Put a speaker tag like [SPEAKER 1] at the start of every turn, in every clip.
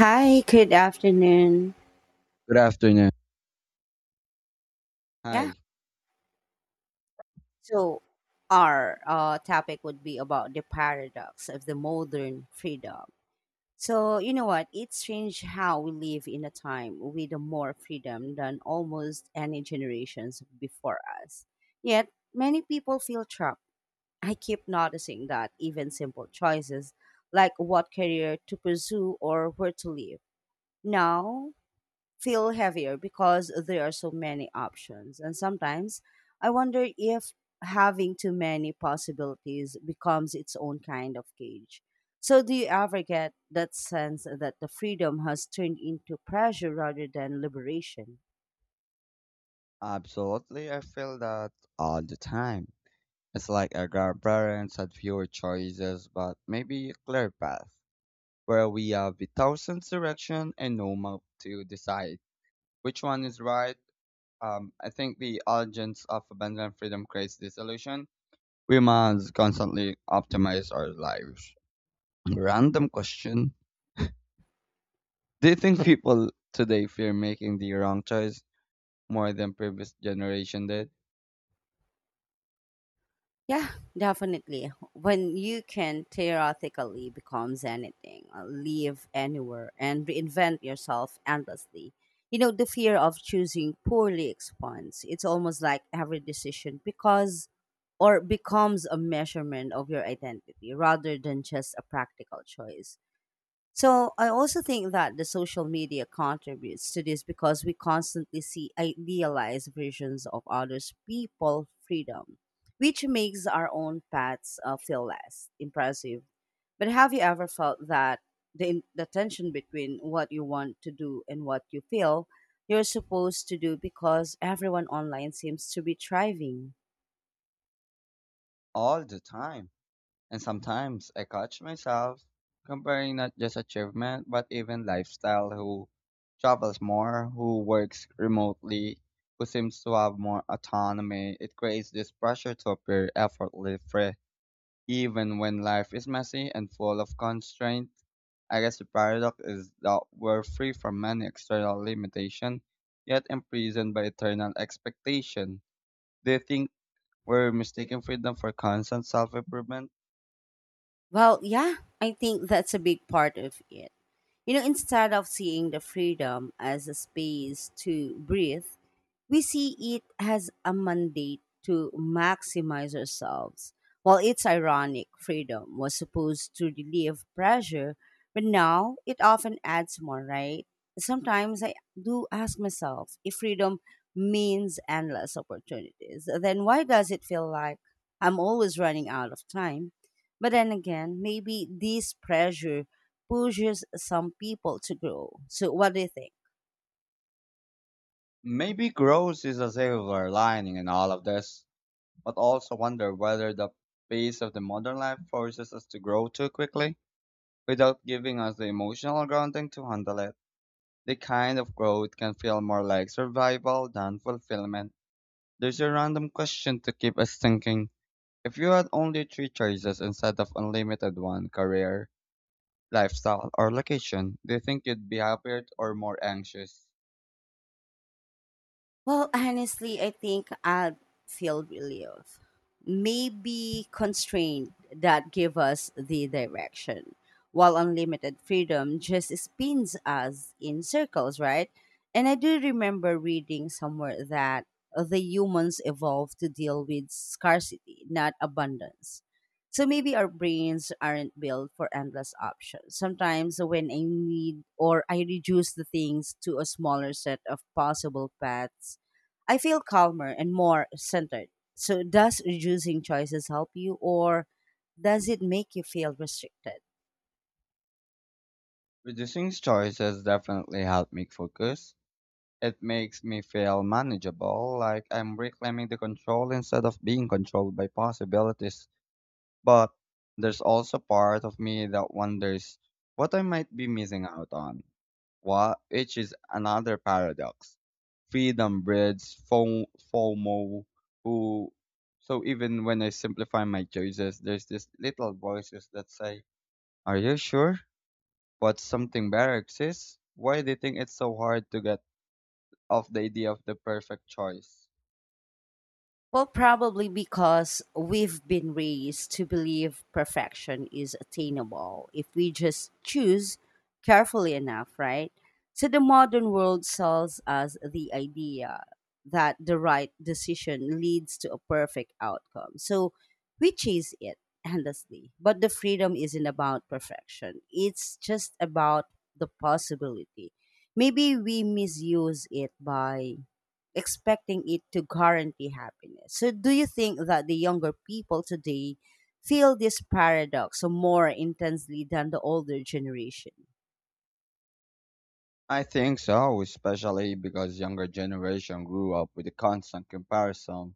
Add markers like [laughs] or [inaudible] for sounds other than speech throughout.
[SPEAKER 1] Hi, good afternoon.
[SPEAKER 2] Good afternoon.
[SPEAKER 1] Yeah,
[SPEAKER 2] Hi.
[SPEAKER 1] so our topic would be about the paradox of the modern freedom. So, you know what? It's strange how we live in a time with more freedom than almost any generations before us. Yet, many people feel trapped. I keep noticing that even simple choices like what career to pursue or where to live now feel heavier because there are so many options. And sometimes I wonder if having too many possibilities becomes its own kind of cage. So, do you ever get that sense that the freedom has turned into pressure rather than liberation?
[SPEAKER 2] Absolutely, I feel that all the time. It's like our grandparents had fewer choices, but maybe a clear path, where we have a thousand direction and no map to decide which one is right. I think the urgence of abundant freedom creates this illusion. We must constantly optimize our lives. Random question: do you think people today fear making the wrong choice more than previous generation did?
[SPEAKER 1] Yeah, definitely. When you can theoretically becomes anything, live anywhere, and reinvent yourself endlessly, you know, the fear of choosing poorly expands. It's almost like every decision because or becomes a measurement of your identity rather than just a practical choice. So I also think that the social media contributes to this because we constantly see idealized versions of others' people freedom, which makes our own paths feel less impressive. But have you ever felt that the tension between what you want to do and what you feel you're supposed to do because everyone online seems to be thriving?
[SPEAKER 2] All the time. And sometimes I catch myself comparing not just achievement, but even lifestyle who travels more, who works remotely, who seems to have more autonomy. It creates this pressure to appear effortless, even when life is messy and full of constraints. I guess the paradox is that we're free from many external limitations, yet imprisoned by eternal expectation. Do you think we're mistaking freedom for constant self-improvement?
[SPEAKER 1] Well, yeah, I think that's a big part of it. You know, instead of seeing the freedom as a space to breathe, we see it as a mandate to maximize ourselves. While it's ironic, freedom was supposed to relieve pressure, but now it often adds more, right? Sometimes I do ask myself if freedom means endless opportunities, then why does it feel like I'm always running out of time? But then again, maybe this pressure pushes some people to grow. So, what do you think?
[SPEAKER 2] Maybe growth is a silver lining in all of this, but also wonder whether the pace of the modern life forces us to grow too quickly without giving us the emotional grounding to handle it. The kind of growth can feel more like survival than fulfillment. There's a random question to keep us thinking. If you had only three choices instead of unlimited one career, lifestyle, or location, do you think you'd be happier or more anxious?
[SPEAKER 1] Well, honestly, I think I'd feel relief. Maybe constraint that give us the direction, while unlimited freedom just spins us in circles, right? And I do remember reading somewhere that the humans evolved to deal with scarcity, not abundance. So maybe our brains aren't built for endless options. Sometimes when I need or I reduce the things to a smaller set of possible paths, I feel calmer and more centered. So, does reducing choices help you, or does it make you feel restricted?
[SPEAKER 2] Reducing choices definitely helped me focus. It makes me feel manageable, like I'm reclaiming the control instead of being controlled by possibilities. But there's also part of me that wonders what I might be missing out on. What, which is another paradox. Freedom breeds FOMO, who, so even when I simplify my choices, there's this little voices that say, "Are you sure? But something better exists. Why do you think it's so hard to get?" of the idea of the perfect choice?
[SPEAKER 1] Well, probably because we've been raised to believe perfection is attainable if we just choose carefully enough, right? So the modern world sells us the idea that the right decision leads to a perfect outcome. So we chase it endlessly. But the freedom isn't about perfection, it's just about the possibility. Maybe we misuse it by expecting it to guarantee happiness. So, do you think that the younger people today feel this paradox more intensely than the older generation?
[SPEAKER 2] I think so, especially because younger generation grew up with a constant comparison.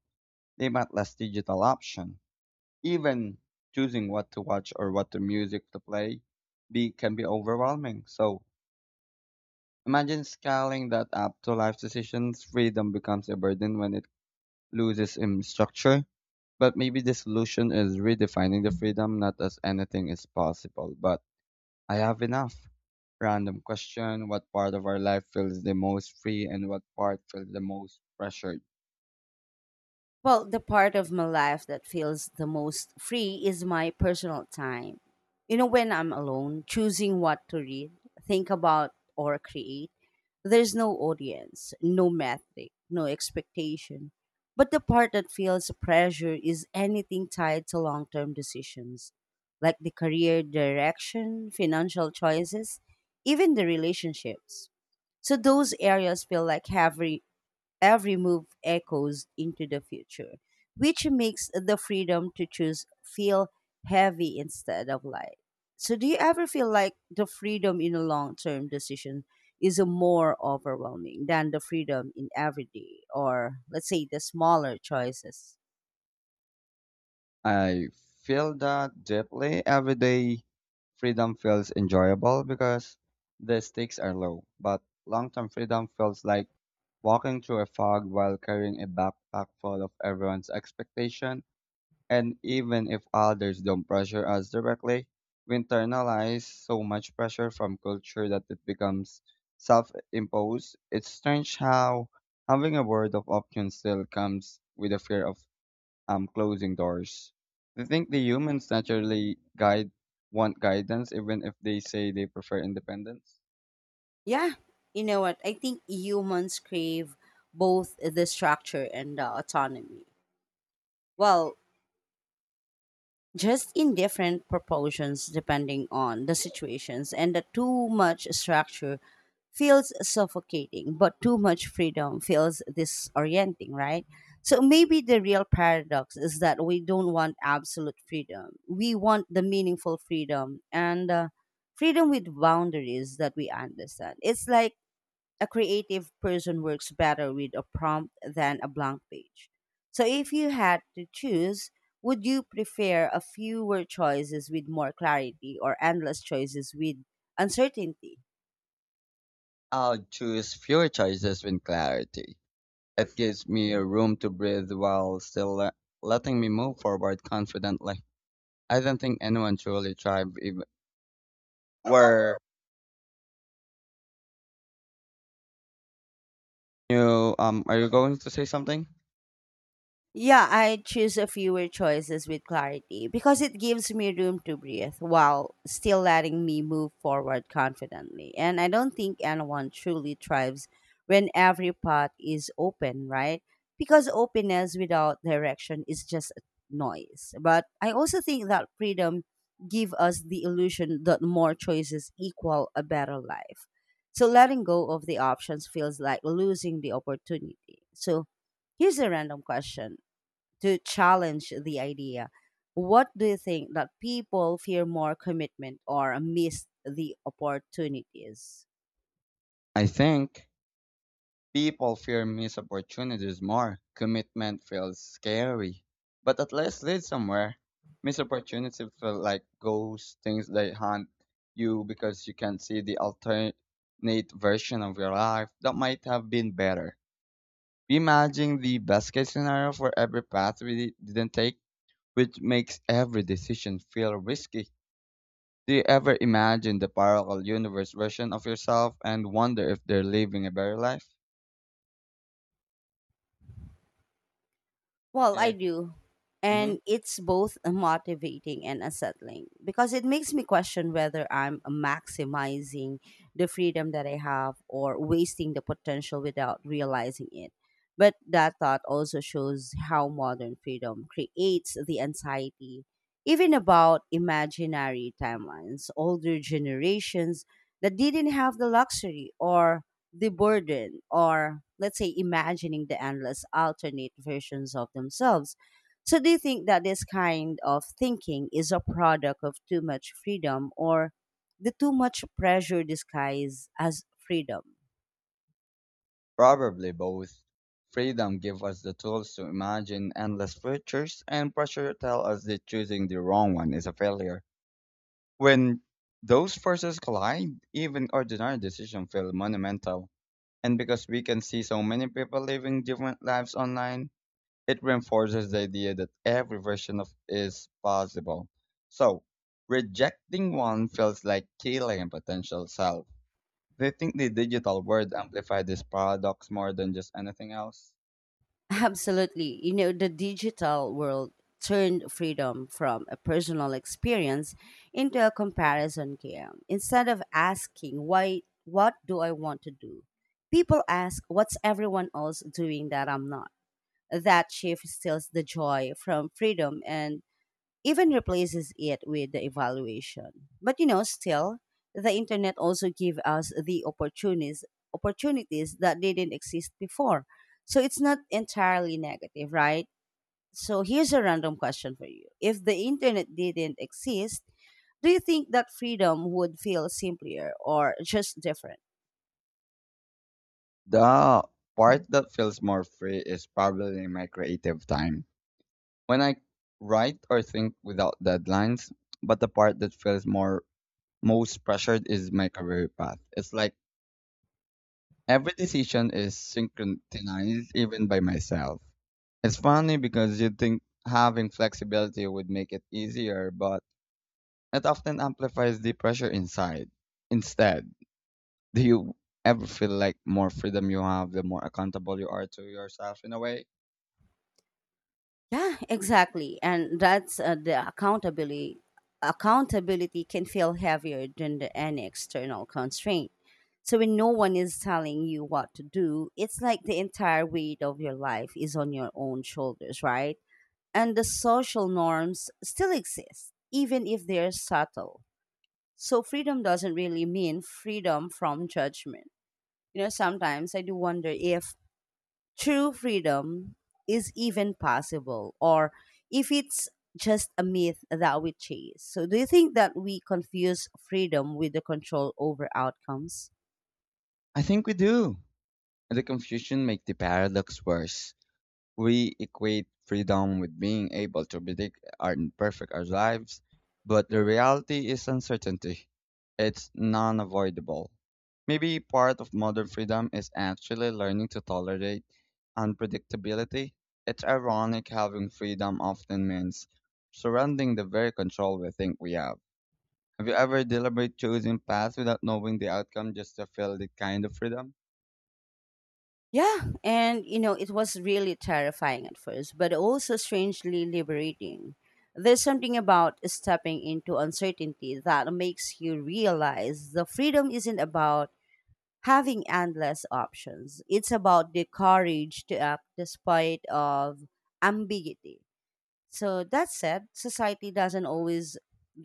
[SPEAKER 2] They might less digital option. Even choosing what to watch or what the music to play be can be overwhelming. So imagine scaling that up to life decisions. Freedom becomes a burden when it loses in structure. But maybe the solution is redefining the freedom not as anything is possible, but I have enough. Random question: what part of our life feels the most free and what part feels the most pressured?
[SPEAKER 1] Well, the part of my life that feels the most free is my personal time. You know, when I'm alone, choosing what to read, think about, or create, there's no audience, no metric, no expectation. But the part that feels pressure is anything tied to long term decisions, like the career direction, financial choices, even the relationships. So those areas feel like heavy, every move echoes into the future, which makes the freedom to choose feel heavy instead of light. So, do you ever feel like the freedom in a long term decision is a more overwhelming than the freedom in everyday or, let's say, the smaller choices?
[SPEAKER 2] I feel that deeply every day. Freedom feels enjoyable because the stakes are low, but long term freedom feels like walking through a fog while carrying a backpack full of everyone's expectation. And even if others don't pressure us directly, we internalize so much pressure from culture that it becomes self imposed. It's strange how having a word of option still comes with a fear of closing doors. They think the humans naturally guide want guidance even if they say they prefer independence.
[SPEAKER 1] Yeah, you know what? I think humans crave both the structure and the autonomy. Well, just in different proportions depending on the situations, and the too much structure feels suffocating but too much freedom feels disorienting, right? So maybe the real paradox is that we don't want absolute freedom, we want the meaningful freedom, and freedom with boundaries that we understand. It's like a creative person works better with a prompt than a blank page. So, if you had to choose, would you prefer a fewer choices with more clarity or endless choices with uncertainty?
[SPEAKER 2] I'll choose fewer choices with clarity. It gives me a room to breathe while still letting me move forward confidently. I don't think anyone truly tried. Where you are you going to say something?
[SPEAKER 1] Yeah, I choose a fewer choices with clarity because it gives me room to breathe while still letting me move forward confidently. And I don't think anyone truly thrives when every path is open, right? Because openness without direction is just noise. But I also think that freedom give us the illusion that more choices equal a better life. So letting go of the options feels like losing the opportunity. So here's a random question to challenge the idea. What do you think that people fear more, commitment or miss the opportunities?
[SPEAKER 2] I think people fear missed opportunities more. Commitment feels scary, but at least lead somewhere. Missed opportunities feel like ghosts, things that haunt you because you can see the alternate version of your life that might have been better. Imagine the best case scenario for every path we didn't take, which makes every decision feel risky. Do you ever imagine the parallel universe version of yourself and wonder if they're living a better life?
[SPEAKER 1] Well, I
[SPEAKER 2] And
[SPEAKER 1] do.
[SPEAKER 2] mhm,
[SPEAKER 1] And it's both motivating and unsettling because it makes me question whether I'm maximizing the freedom that I have or wasting the potential without realizing it. But that thought also shows how modern freedom creates the anxiety, even about imaginary timelines, older generations that didn't have the luxury or the burden or let's say imagining the endless alternate versions of themselves. So do you think that this kind of thinking is a product of too much freedom or the too much pressure disguised as freedom?
[SPEAKER 2] probably both. Freedom gives us the tools to imagine endless futures, and pressure tells us that choosing the wrong one is a failure. When those forces collide, even ordinary decisions feel monumental. And because we can see so many people living different lives online, it reinforces the idea that every version of is possible. So, rejecting one feels like killing a potential self. Do you think the digital world amplified this paradox more than just anything else?
[SPEAKER 1] [laughs] Absolutely. You know, the digital world turned freedom from a personal experience into a comparison game. Instead of asking why, what do I want to do, people ask what's everyone else doing that I'm not. That shift steals the joy from freedom and even replaces it with the evaluation. But you know, still, the internet also give us the opportunities, opportunities that didn't exist before. So it's not entirely negative, right? So here's a random question for you. If the internet didn't exist, do you think that freedom would feel simpler or just different?
[SPEAKER 2] The part that feels more free is probably my creative time. When I write or think without deadlines, but the part that feels more most pressured is my career path. It's like every decision is synchronized, even by myself. It's funny because you'd think having flexibility would make it easier, but it often amplifies the pressure inside. Instead, do you ever feel like more freedom you have, the more accountable you are to yourself in a way?
[SPEAKER 1] Yeah, exactly. And that's the accountability. Accountability can feel heavier than any external constraint. So when no one is telling you what to do, it's like the entire weight of your life is on your own shoulders, right? And the social norms still exist, even if they're subtle. So freedom doesn't really mean freedom from judgment. You know, sometimes I do wonder if true freedom is even possible or if it's just a myth that we chase. So, do you think that we confuse freedom with the control over outcomes?
[SPEAKER 2] I think we do. The confusion makes the paradox worse. We equate freedom with being able to predict and perfect our lives, but the reality is uncertainty. It's non avoidable. Maybe part of modern freedom is actually learning to tolerate unpredictability. It's ironic having freedom often means surrendering the very control we think we have. Have you ever deliberately chosen paths without knowing the outcome just to feel the kind of freedom?
[SPEAKER 1] Yeah, and you know, it was really terrifying at first, but also strangely liberating. There's something about stepping into uncertainty that makes you realize the freedom isn't about having endless options. It's about the courage to act despite of ambiguity. So that said, society doesn't always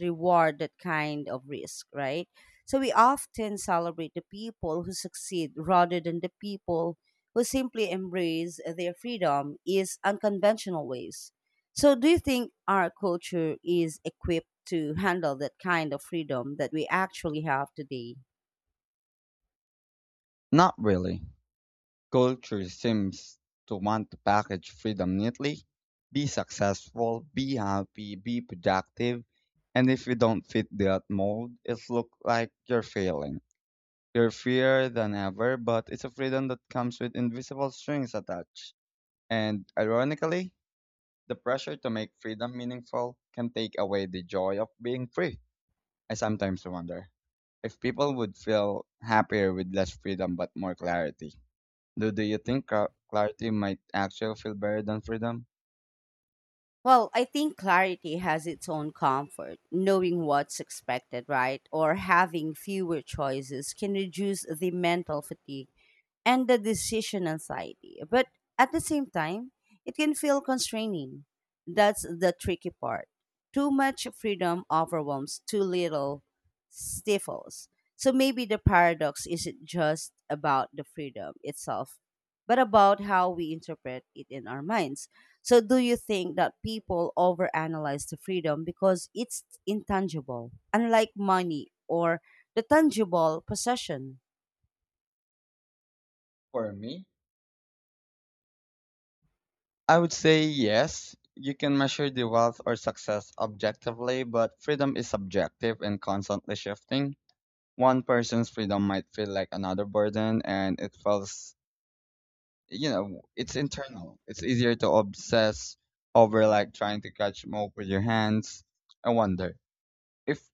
[SPEAKER 1] reward that kind of risk, right? So we often celebrate the people who succeed rather than the people who simply embrace their freedom is unconventional ways. So do you think our culture is equipped to handle that kind of freedom that we actually have today?
[SPEAKER 2] Not really. Culture seems to want to package freedom neatly. Be successful, be happy, be productive, and if you don't fit that mold, it looks like you're failing. You're freer than ever, but it's a freedom that comes with invisible strings attached. And ironically, the pressure to make freedom meaningful can take away the joy of being free. I sometimes wonder if people would feel happier with less freedom but more clarity. Do you think clarity might actually feel better than freedom?
[SPEAKER 1] Well, I think clarity has its own comfort. Knowing what's expected, right, or having fewer choices can reduce the mental fatigue and the decision anxiety. But at the same time, it can feel constraining. That's the tricky part. Too much freedom overwhelms, too little stifles. So maybe the paradox isn't just about the freedom itself, but about how we interpret it in our minds. So, do you think that people overanalyze the freedom because it's intangible, unlike money or the tangible possession?
[SPEAKER 2] For me, I would say yes. You can measure the wealth or success objectively, but freedom is subjective and constantly shifting. One person's freedom might feel like another burden, and it feels, you know, it's internal. It's easier to obsess over like trying to catch more with your hands. I wonder if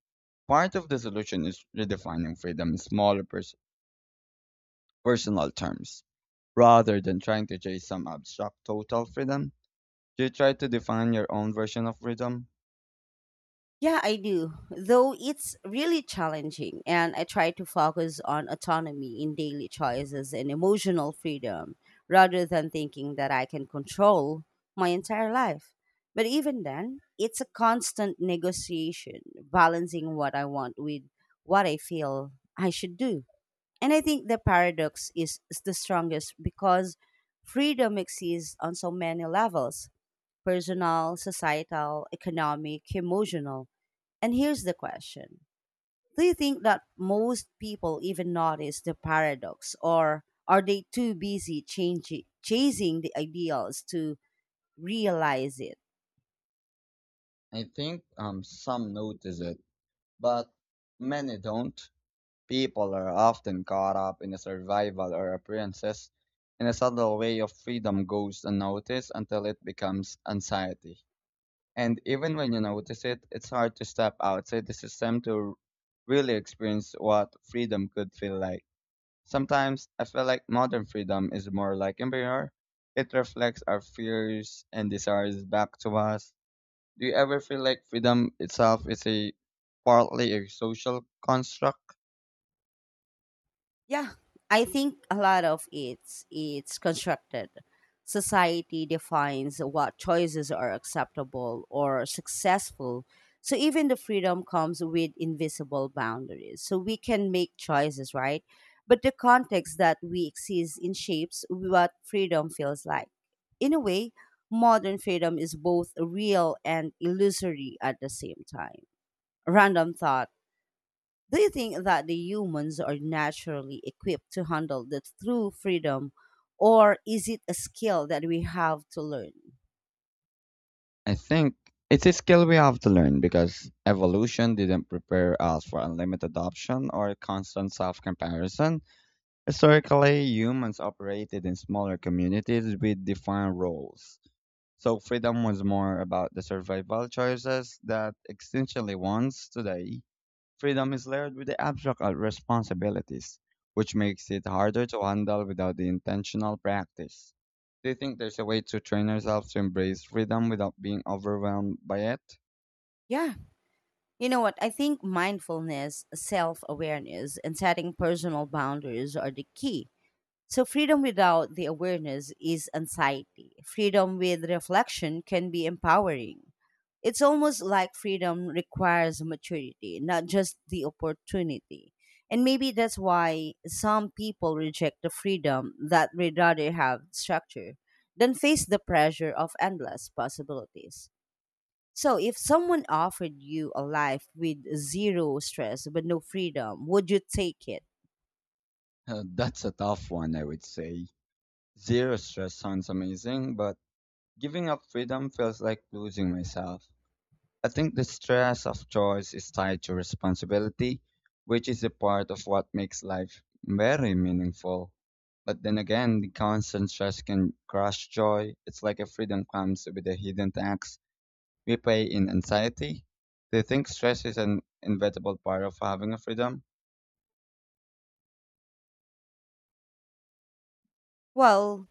[SPEAKER 2] part of the solution is redefining freedom in smaller personal terms. Rather than trying to chase some abstract total freedom, do you try to define your own version of freedom?
[SPEAKER 1] Yeah, I do. Though it's really challenging, and I try to focus on autonomy in daily choices and emotional freedom rather than thinking that I can control my entire life. But even then, it's a constant negotiation, balancing what I want with what I feel I should do. And I think the paradox is the strongest because freedom exists on so many levels, personal, societal, economic, emotional. And here's the question. Do you think that most people even notice the paradox, or are they too busy changing, chasing the ideals to realize it?
[SPEAKER 2] I think some notice it, but many don't. People are often caught up in the survival or appearances, and a subtle way of freedom goes unnoticed until it becomes anxiety. And even when you notice it, it's hard to step outside the system to really experience what freedom could feel like. Sometimes I feel like modern freedom is more like empire. It reflects our fears and desires back to us. Do you ever feel like freedom itself is a partly a social construct?
[SPEAKER 1] Yeah, I think a lot of it's constructed. Society defines what choices are acceptable or successful. So even the freedom comes with invisible boundaries. So we can make choices, right? But the context that we exist in shapes what freedom feels like. In a way, modern freedom is both real and illusory at the same time. Random thought, do you think that the humans are naturally equipped to handle the true freedom, or is it a skill that we have to learn?
[SPEAKER 2] I think it's a skill we have to learn because evolution didn't prepare us for unlimited adoption or constant self comparison. Historically, humans operated in smaller communities with defined roles. So freedom was more about the survival choices that existentially wants today. Freedom is layered with the abstract of responsibilities, which makes it harder to handle without the intentional practice. Do you think there's a way to train ourselves to embrace freedom without being overwhelmed by it?
[SPEAKER 1] Yeah. You know what? I think mindfulness, self awareness, and setting personal boundaries are the key. So, freedom without the awareness is anxiety. Freedom with reflection can be empowering. It's almost like freedom requires maturity, not just the opportunity. And maybe that's why some people reject the freedom that would rather have structure than face the pressure of endless possibilities. So, if someone offered you a life with zero stress but no freedom, would you take it?
[SPEAKER 2] That's a tough one, I would say. Zero stress sounds amazing, but giving up freedom feels like losing myself. I think the stress of choice is tied to responsibility, which is a part of what makes life very meaningful. But then again, the constant stress can crush joy. It's like a freedom comes with a hidden tax we pay in anxiety. Do you think stress is an inevitable part of having a freedom?
[SPEAKER 1] Well,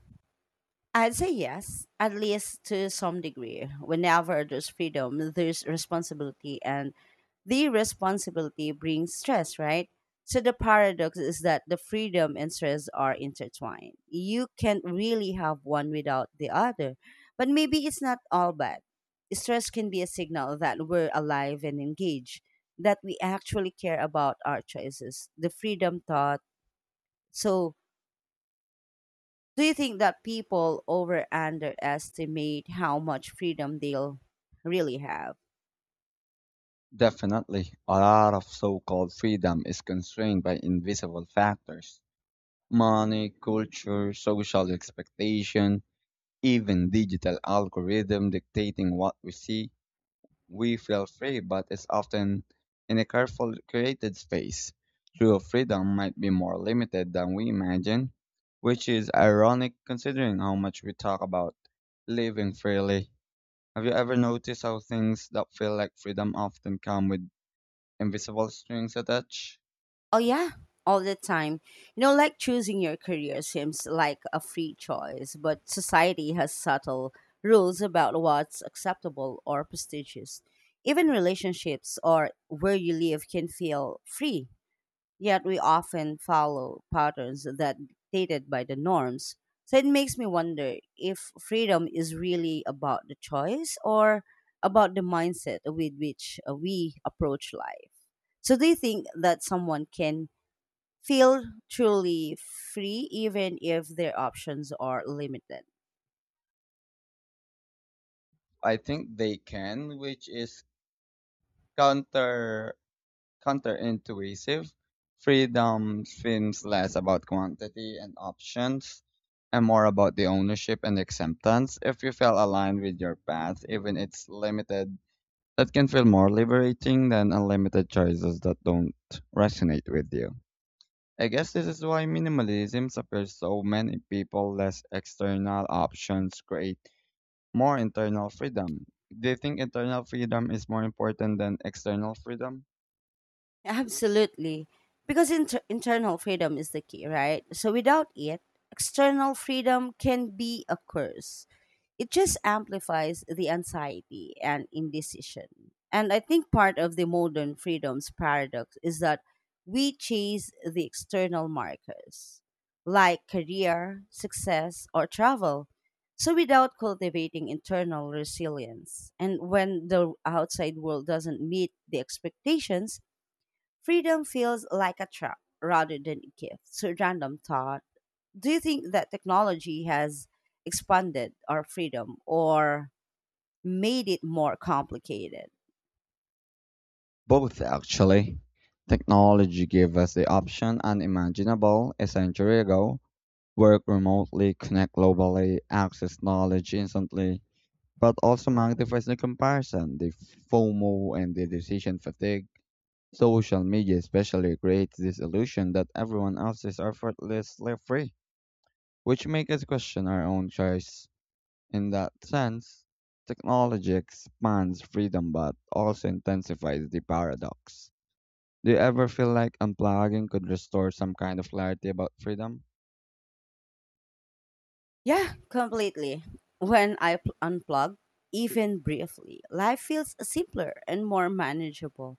[SPEAKER 1] I'd say yes, at least to some degree. Whenever there's freedom, there's responsibility, and the responsibility brings stress, right? So the paradox is that the freedom and stress are intertwined. You can't really have one without the other. But maybe it's not all bad. Stress can be a signal that we're alive and engaged, that we actually care about our choices. The freedom thought. So do you think that people over underestimate how much freedom they'll really have?
[SPEAKER 2] Definitely. A lot of so called freedom is constrained by invisible factors: money, culture, social expectation, even digital algorithm dictating what we see. We feel free, but it's often in a careful created space. True freedom might be more limited than we imagine, which is ironic considering how much we talk about living freely. Have you ever noticed how things that feel like freedom often come with invisible strings attached?
[SPEAKER 1] Oh, yeah, all the time. You know, like choosing your career seems like a free choice, but society has subtle rules about what's acceptable or prestigious. Even relationships or where you live can feel free, yet we often follow patterns that dictated by the norms. So it makes me wonder if freedom is really about the choice or about the mindset with which we approach life. So do you think that someone can feel truly free even if their options are limited?
[SPEAKER 2] I think they can, which is counter counterintuitive. Freedom seems less about quantity and options and more about the ownership and acceptance. If you feel aligned with your path, even it's limited, that can feel more liberating than unlimited choices that don't resonate with you. I guess this is why minimalism appeals so many people. Less external options create more internal freedom. Do you think internal freedom is more important than external freedom?
[SPEAKER 1] Absolutely. Because internal freedom is the key, right? So without it, external freedom can be a curse. It just amplifies the anxiety and indecision. And I think part of the modern freedom's paradox is that we chase the external markers like career, success, or travel. So without cultivating internal resilience, and when the outside world doesn't meet the expectations, freedom feels like a trap rather than a gift. So, random thought, do you think that technology has expanded our freedom or made it more complicated?
[SPEAKER 2] Both, actually. Technology gave us the option unimaginable a century ago: work remotely, connect globally, access knowledge instantly, but also magnifies the comparison, the FOMO, and the decision fatigue. Social media especially creates this illusion that everyone else is effortlessly free, which makes us question our own choice. In that sense, technology expands freedom but also intensifies the paradox. Do you ever feel like unplugging could restore some kind of clarity about freedom?
[SPEAKER 1] Yeah, completely. When I unplug, even briefly, life feels simpler and more manageable.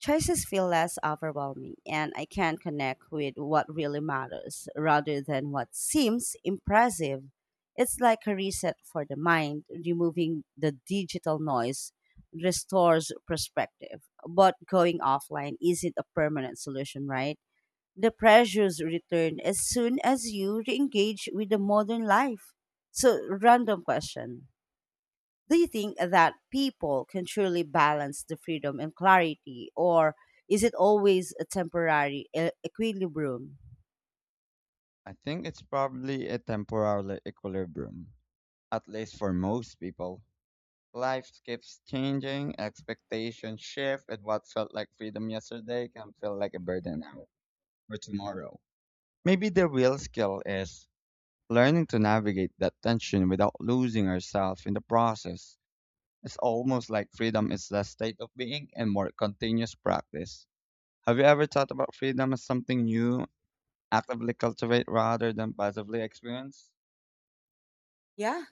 [SPEAKER 1] Choices feel less overwhelming, and I can connect with what really matters rather than what seems impressive. It's like a reset for the mind, removing the digital noise restores perspective. But going offline isn't a permanent solution, right? The pressures return as soon as you re engage with the modern life. So, random question, do you think that people can truly balance the freedom and clarity, or is it always a temporary equilibrium?
[SPEAKER 2] I think it's probably a temporary equilibrium, at least for most people. Life keeps changing, expectations shift, and what felt like freedom yesterday can feel like a burden now or tomorrow. Maybe the real skill is learning to navigate that tension without losing ourselves in the process. It's almost like freedom is a state of being and more continuous practice. Have you ever thought about freedom as something you actively cultivate rather than passively experience?
[SPEAKER 1] Yeah,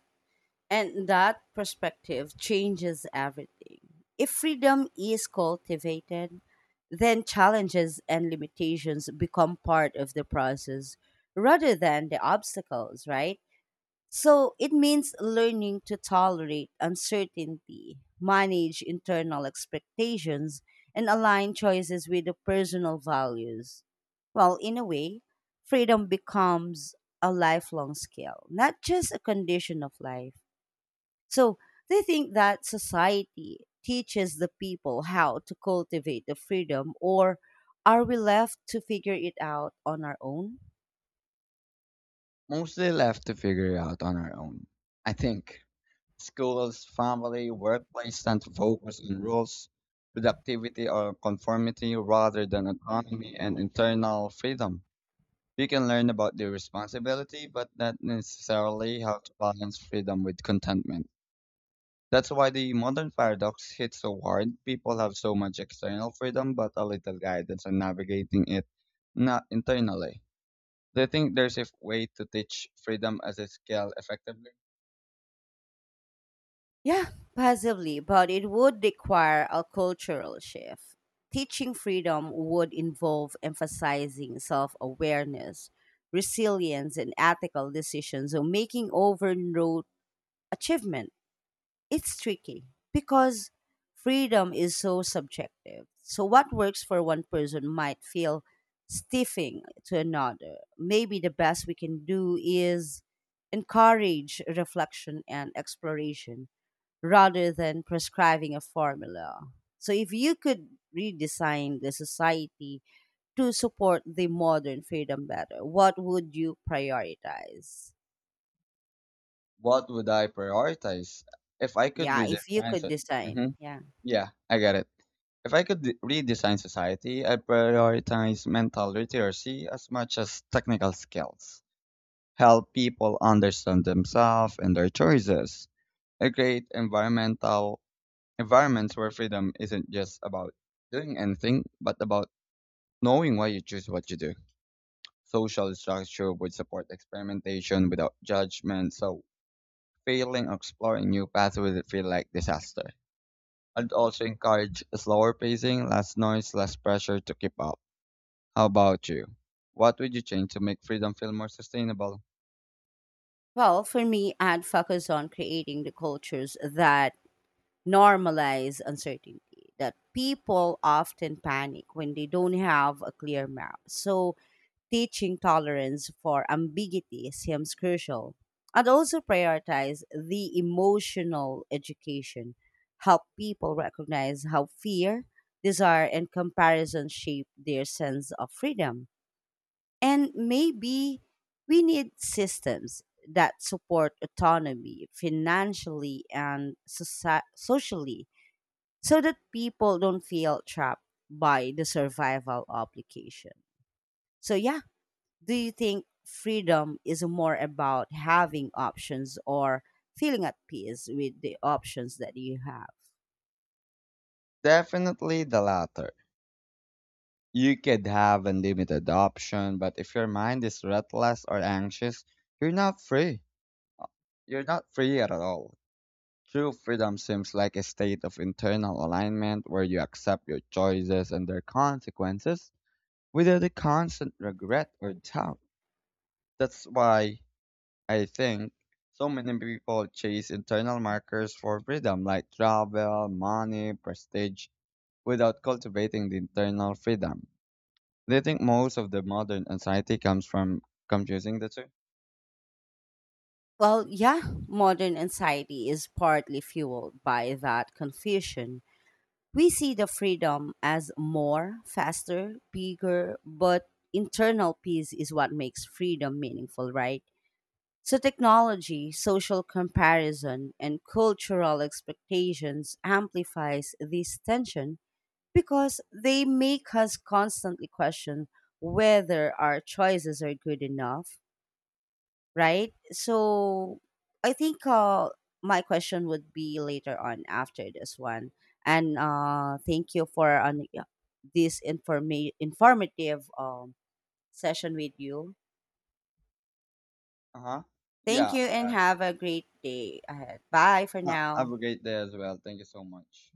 [SPEAKER 1] and that perspective changes everything. If freedom is cultivated, then challenges and limitations become part of the process rather than the obstacles, right? So it means learning to tolerate uncertainty, manage internal expectations, and align choices with the personal values. Well, in a way, freedom becomes a lifelong skill, not just a condition of life. So they think that society teaches the people how to cultivate the freedom, or are we left to figure it out on our own?
[SPEAKER 2] Mostly left to figure out on our own. I think schools, family, workplace tend to focus on rules, productivity, or conformity rather than autonomy and internal freedom. You can learn about the responsibility, but not necessarily how to balance freedom with contentment. That's why the modern paradox hits so hard. People have so much external freedom, but a little guidance on navigating it not internally. Do you think there's a way to teach freedom as a skill effectively?
[SPEAKER 1] Yeah, possibly, but it would require a cultural shift. Teaching freedom would involve emphasizing self awareness, resilience, and ethical decisions, or making overload achievement. It's tricky because freedom is so subjective. So, what works for one person might feel stiffing to another. Maybe the best we can do is encourage reflection and exploration rather than prescribing a formula. So, if you could redesign the society to support the modern freedom better, what would you prioritize?
[SPEAKER 2] What would I prioritize if I could
[SPEAKER 1] Yeah, if you
[SPEAKER 2] redesign
[SPEAKER 1] could
[SPEAKER 2] it? Hmm.
[SPEAKER 1] design. Yeah.
[SPEAKER 2] Yeah, I get it. If I could redesign society, I'd prioritize mental literacy as much as technical skills. Help people understand themselves and their choices. A great environmental environments where freedom isn't just about doing anything, but about knowing why you choose what you do. Social structure would support experimentation without judgment, so failing or exploring new paths would feel like disaster. I'd also encourage slower pacing, less noise, less pressure to keep up. How about you? What would you change to make freedom feel more sustainable?
[SPEAKER 1] Well, for me, I'd focus on creating the cultures that normalize uncertainty, that people often panic when they don't have a clear map. So, teaching tolerance for ambiguity seems crucial. And also prioritize the emotional education, help people recognize how fear, desire, and comparison shape their sense of freedom. And maybe we need systems that support autonomy financially and socially so that people don't feel trapped by the survival obligation. So, yeah, do you think freedom is more about having options or feeling at peace with the options that you have?
[SPEAKER 2] Definitely the latter. You could have unlimited option, but if your mind is restless or anxious, you're not free. You're not free at all. True freedom seems like a state of internal alignment where you accept your choices and their consequences without the constant regret or doubt. That's why I think so many people chase internal markers for freedom like travel, money, prestige without cultivating the internal freedom. Do you think most of the modern anxiety comes from confusing the two?
[SPEAKER 1] Well, yeah, modern anxiety is partly fueled by that confusion. We see the freedom as more, faster, bigger, but internal peace is what makes freedom meaningful, right? So, technology, social comparison, and cultural expectations amplifies this tension because they make us constantly question whether our choices are good enough, right? So I think my question would be later on after this one. And thank you for an, this informative session with you.
[SPEAKER 2] Uh huh.
[SPEAKER 1] Thank
[SPEAKER 2] Yeah,
[SPEAKER 1] you and
[SPEAKER 2] uh,
[SPEAKER 1] have a great day ahead. Bye for now.
[SPEAKER 2] I'll get there as well. Thank you so much.